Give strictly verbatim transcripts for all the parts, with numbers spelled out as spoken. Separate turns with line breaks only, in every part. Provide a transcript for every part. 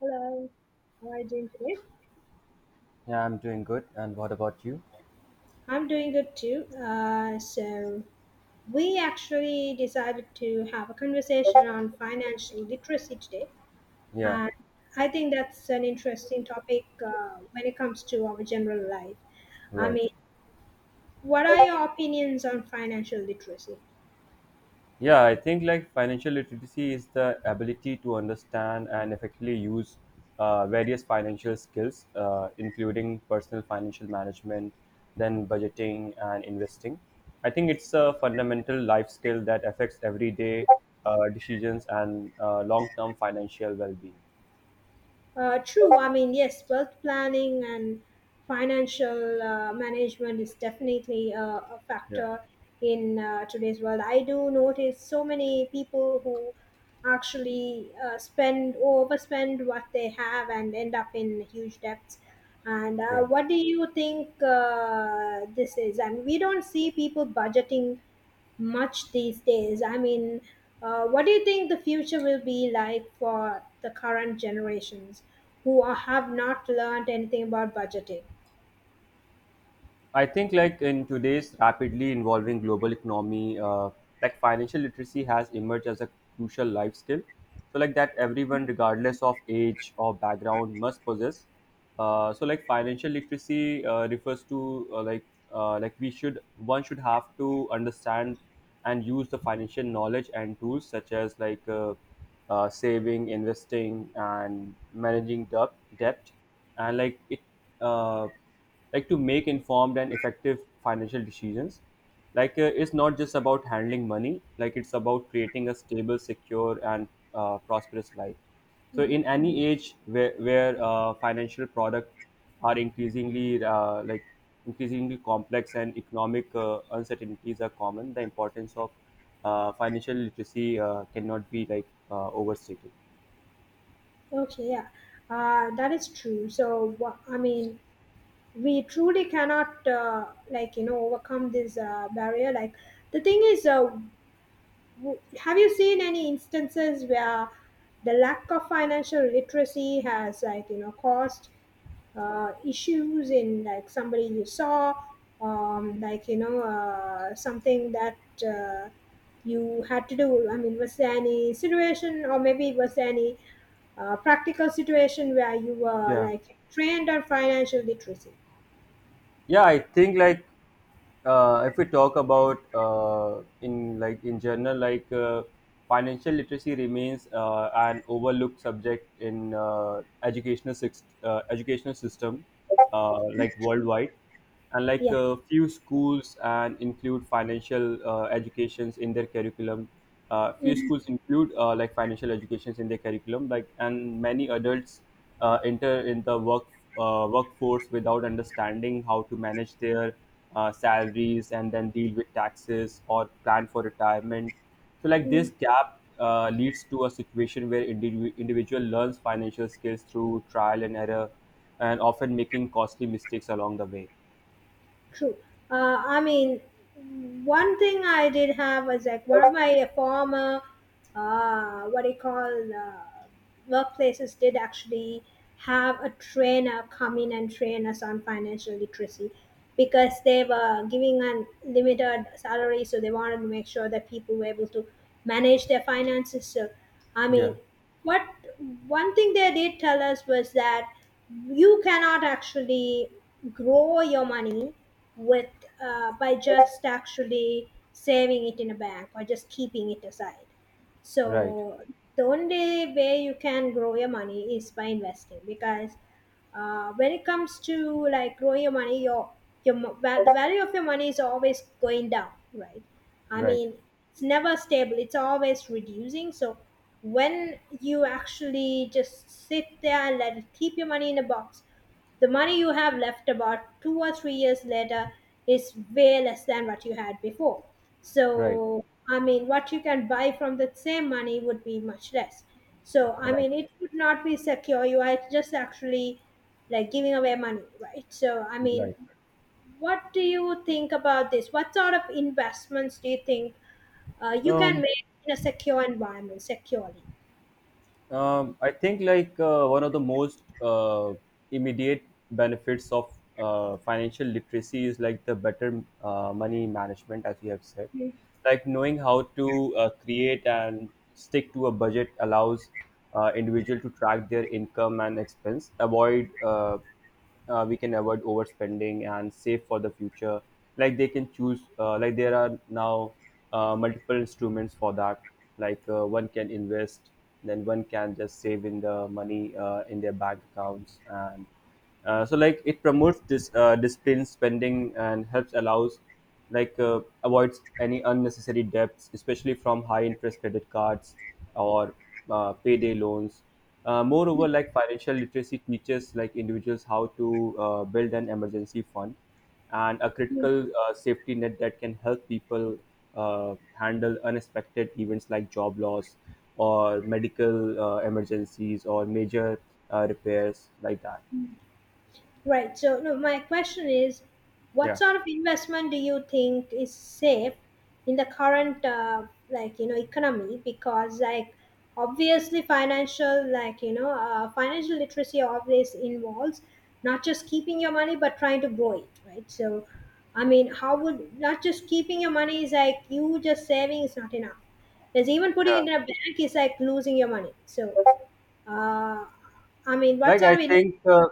Hello, how are you doing today?
Yeah, I'm doing good. And what about you?
I'm doing good too. Uh, so, we actually decided to have a conversation on financial literacy today.
Yeah,
And I think that's an interesting topic uh, when it comes to our general life. I
right.
mean, what are your opinions on financial literacy?
Yeah, I think like financial literacy is the ability to understand and effectively use uh, various financial skills, uh, including personal financial management, then budgeting and investing. I think it's a fundamental life skill that affects everyday uh, decisions and uh, long term financial well being.
Uh, true. I mean, yes, wealth planning and financial uh, management is definitely uh, a
Yeah,
factor in uh, today's world. I do notice so many people who actually uh, spend overspend what they have and end up in huge debts. And uh,
yeah.
what do you think uh, this is? And we don't see people budgeting much these days. I mean, uh, what do you think the future will be like for the current generations who are, have not learned anything about budgeting?
I think like in today's rapidly evolving global economy, uh, like financial literacy has emerged as a crucial life skill. So like that everyone, regardless of age or background, must possess. Uh, so like financial literacy uh, refers to uh, like uh, like we should one should have to understand and use the financial knowledge and tools such as like uh, uh, saving, investing, and managing debt, debt, and like it. Uh, like to make informed and effective financial decisions like uh, it's not just about handling money like it's about creating a stable secure and uh, prosperous life so
Mhm.
in any age where, where uh, financial products are increasingly uh, like increasingly complex and economic uh, uncertainties are common the importance of uh, financial literacy uh, cannot be like uh, overstated.
Okay, yeah, uh, that is true. So, wha- I mean, we truly cannot, uh, like, you know, overcome this uh, barrier. Like, the thing is, uh, w- have you seen any instances where the lack of financial literacy has, like, you know, caused uh, issues in like somebody you saw um, like you know uh, something that uh, you had to do. I mean, was there any situation, or maybe was there any uh, practical situation where you were
Yeah,
like trained on financial literacy?
yeah, I think like uh, if we talk about uh, in like in general like uh, financial literacy remains uh, an overlooked subject in uh, educational six, uh, educational system uh, like worldwide, and like
Yeah.
a few schools and include financial uh, educations in their curriculum uh, few
Mhm.
schools include uh, like financial educations in their curriculum like, and many adults uh, enter in the work uh, workforce without understanding how to manage their uh, salaries and then deal with taxes or plan for retirement. So like this
Mhm.
gap uh, leads to a situation where indiv- individual learns financial skills through trial and error, and often making costly mistakes along the way.
True. Uh, I mean, one thing I did have was like one of my former, uh, what do you call, uh, workplaces did actually have a trainer come in and train us on financial literacy because they were giving an limited salary, so they wanted to make sure that people were able to manage their finances. So, I mean,
Yeah,
what one thing they did tell us was that you cannot actually grow your money with uh, by just actually saving it in a bank or just keeping it aside.
right,
So the only way you can grow your money is by investing, because uh, when it comes to like growing your money, your your mo- val- the value of your money is always going down, right? I
right,
mean, it's never stable, it's always reducing. So when you actually just sit there and let it keep your money in a box, the money you have left about two or three years later is way less than what you had before.
right,
So, I mean, what you can buy from the same money would be much less. So, I
right,
mean, it would not be secure. You are just actually like giving away money, right? So, I mean,
right.
what do you think about this? What sort of investments do you think uh, you can
Um,
make in a secure environment securely?
um, I think like uh, one of the most uh, immediate benefits of uh, financial literacy is like the better uh, money management, as you have said.
Mhm.
Like knowing how to uh, create and stick to a budget allows uh, individual to track their income and expense, avoid uh, uh, we can avoid overspending and save for the future. Like they can choose uh, like there are now uh, multiple instruments for that. Like uh, one can invest, then one can just save in the money uh, in their bank accounts, and uh, so like it promotes this uh, disciplined spending and helps allows like uh, avoids any unnecessary debts, especially from high interest credit cards or uh, payday loans. Uh, moreover, like financial literacy teaches like individuals how to uh, build an emergency fund and a critical uh, safety net that can help people uh, handle unexpected events like job loss or medical uh, emergencies or major uh, repairs like that.
Right. So, no, my question is, what
Yeah.
sort of investment do you think is safe in the current, uh, like you know, economy? Because, like, obviously, financial, like you know, uh, financial literacy always involves not just keeping your money but trying to grow it, right? So, I mean, how would not just keeping your money is like you just saving is not enough. Because even putting it in a bank is like losing your money. So, uh, I mean, what
Like
sort
I
of investment?
think uh,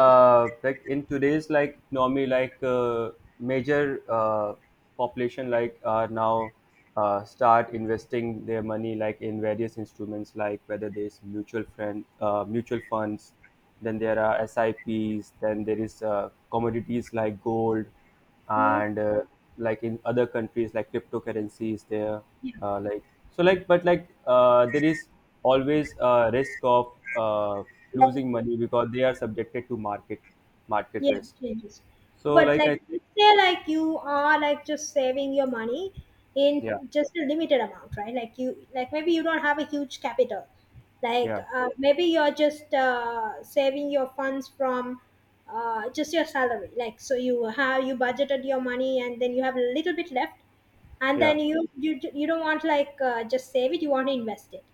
uh, like in today's like economy like uh, major uh, population like are now uh, start investing their money like in various instruments like whether there's mutual friend uh, mutual funds, then there are sips, then there is uh, commodities like gold,
Hmm.
and uh, like in other countries like cryptocurrency is there.
Yeah,
Uh, like so like but like uh, there is always a risk of uh, losing money because they are subjected to market market
yeah,
risk.
changes.
So
But
like I
like,
think
say like you are like just saving your money
yeah,
in just a limited amount, right? Like you, like maybe you don't have a huge capital. Like
yeah,
uh, maybe you're just uh, saving your funds from uh, just your salary. Like so, you have you budgeted your money, and then you have a little bit left, and
yeah.
then you you you don't want like uh, just save it. You want to invest it.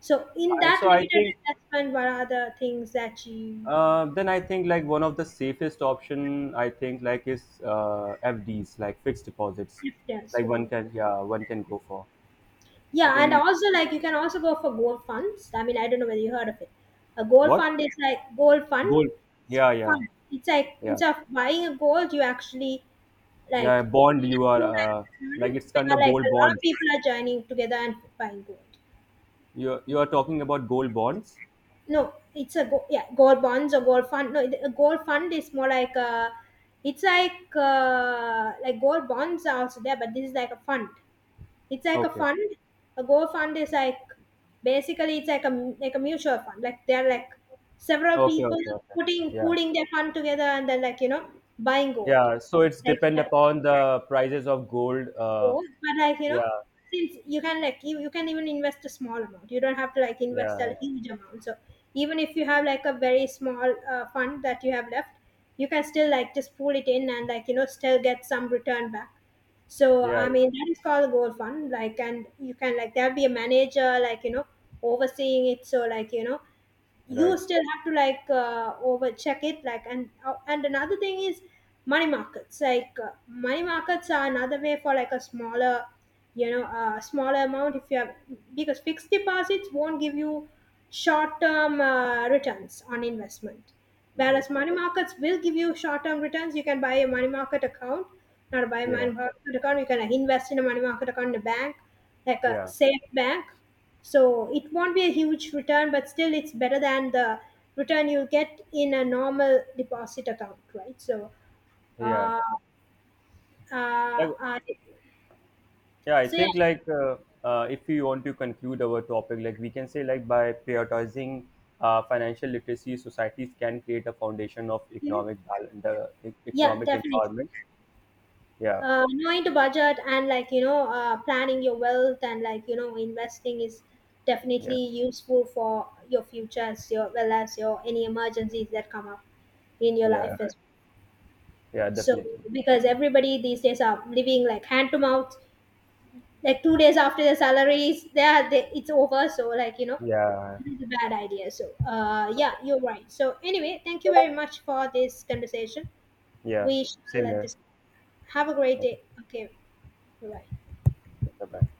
So in
I,
that
so i
limited
think
investment, what are the things that you
uh, then I think like one of the safest option I think like is uh, fds, like fixed deposits.
have done?
Like one
So
can, yeah, one can go for, I
yeah, and
think,
also like you can also go for gold funds. I mean, I don't know whether you heard of it. A gold
what,
fund is like gold fund.
gold,
It's
yeah, yeah,
fund. It's like
yeah.
instead of buying a gold, you actually
Yeah, a
like put
bond.
it
You are
into like
uh,
a
like it's
fund
kind of
where like
gold
a lot of
bonds.
people are joining together and buying gold.
You you are talking about gold bonds.
No, it's a go- yeah, gold bonds or gold fund. No, it- a gold fund is more like a. It's like uh, like gold bonds are also there, but this is like a fund. It's like a
Okay.
fund. A Go fund is like basically it's like a like a mutual fund. Like there are like several
Okay.
people
Okay. Okay.
putting
Yeah.
pooling their fund together and then like you know buying gold.
Yeah. So it's
Like
depend
you know,
upon the prices of gold. Uh.
gold, but like you
Yeah.
know since you can like you, you can even invest a small amount. You don't have to like invest
Yeah. Yeah.
a huge amount. So even if you have like a very small uh, fund that you have left, you can still like just pool it in and like you know still get some return back. So
Yeah,
I
yeah.
mean that is called gold fund. Like and you can like there'll be a manager like you know overseeing it. So like you know you
Right.
still have to like uh, over check it like, and uh, and another thing is money markets. Like uh, money markets are another way for like a smaller, you know, a smaller amount if you have, because fixed deposits won't give you short term uh, returns on investment,
Right.
whereas money markets will give you short term returns. You can buy a money market account, not buy a
Yeah.
money market account, you can invest in a money market account in a bank, like a
Yeah.
safe bank. So it won't be a huge return, but still it's better than the return you get in a normal deposit account, right? So,
Yeah.
uh, uh,
Like
uh,
yeah, I
so yeah,
think like uh, uh, if we want to conclude our topic, like we can say like by prioritizing uh, financial literacy, societies can create a foundation of
Mhm.
economic balance, uh, e-
Yeah,
economic
definitely.
empowerment. Yeah.
Uh, knowing the budget and like you know, uh, planning your wealth and like you know, investing is
Yeah,
definitely useful for your future as your well as your any emergencies that come up in your
yeah,
life as well.
yeah,
So
definitely.
because everybody these days are living like hand to mouth, like two days after the salary is there they, it's over, so like you know
Yeah,
it's a bad idea. So uh yeah,
okay.
you're right. So anyway, thank you very much for this conversation.
Yeah,
We shall
same
end
here.
this. Have a great
Okay,
day. Okay, bye.
bye-bye.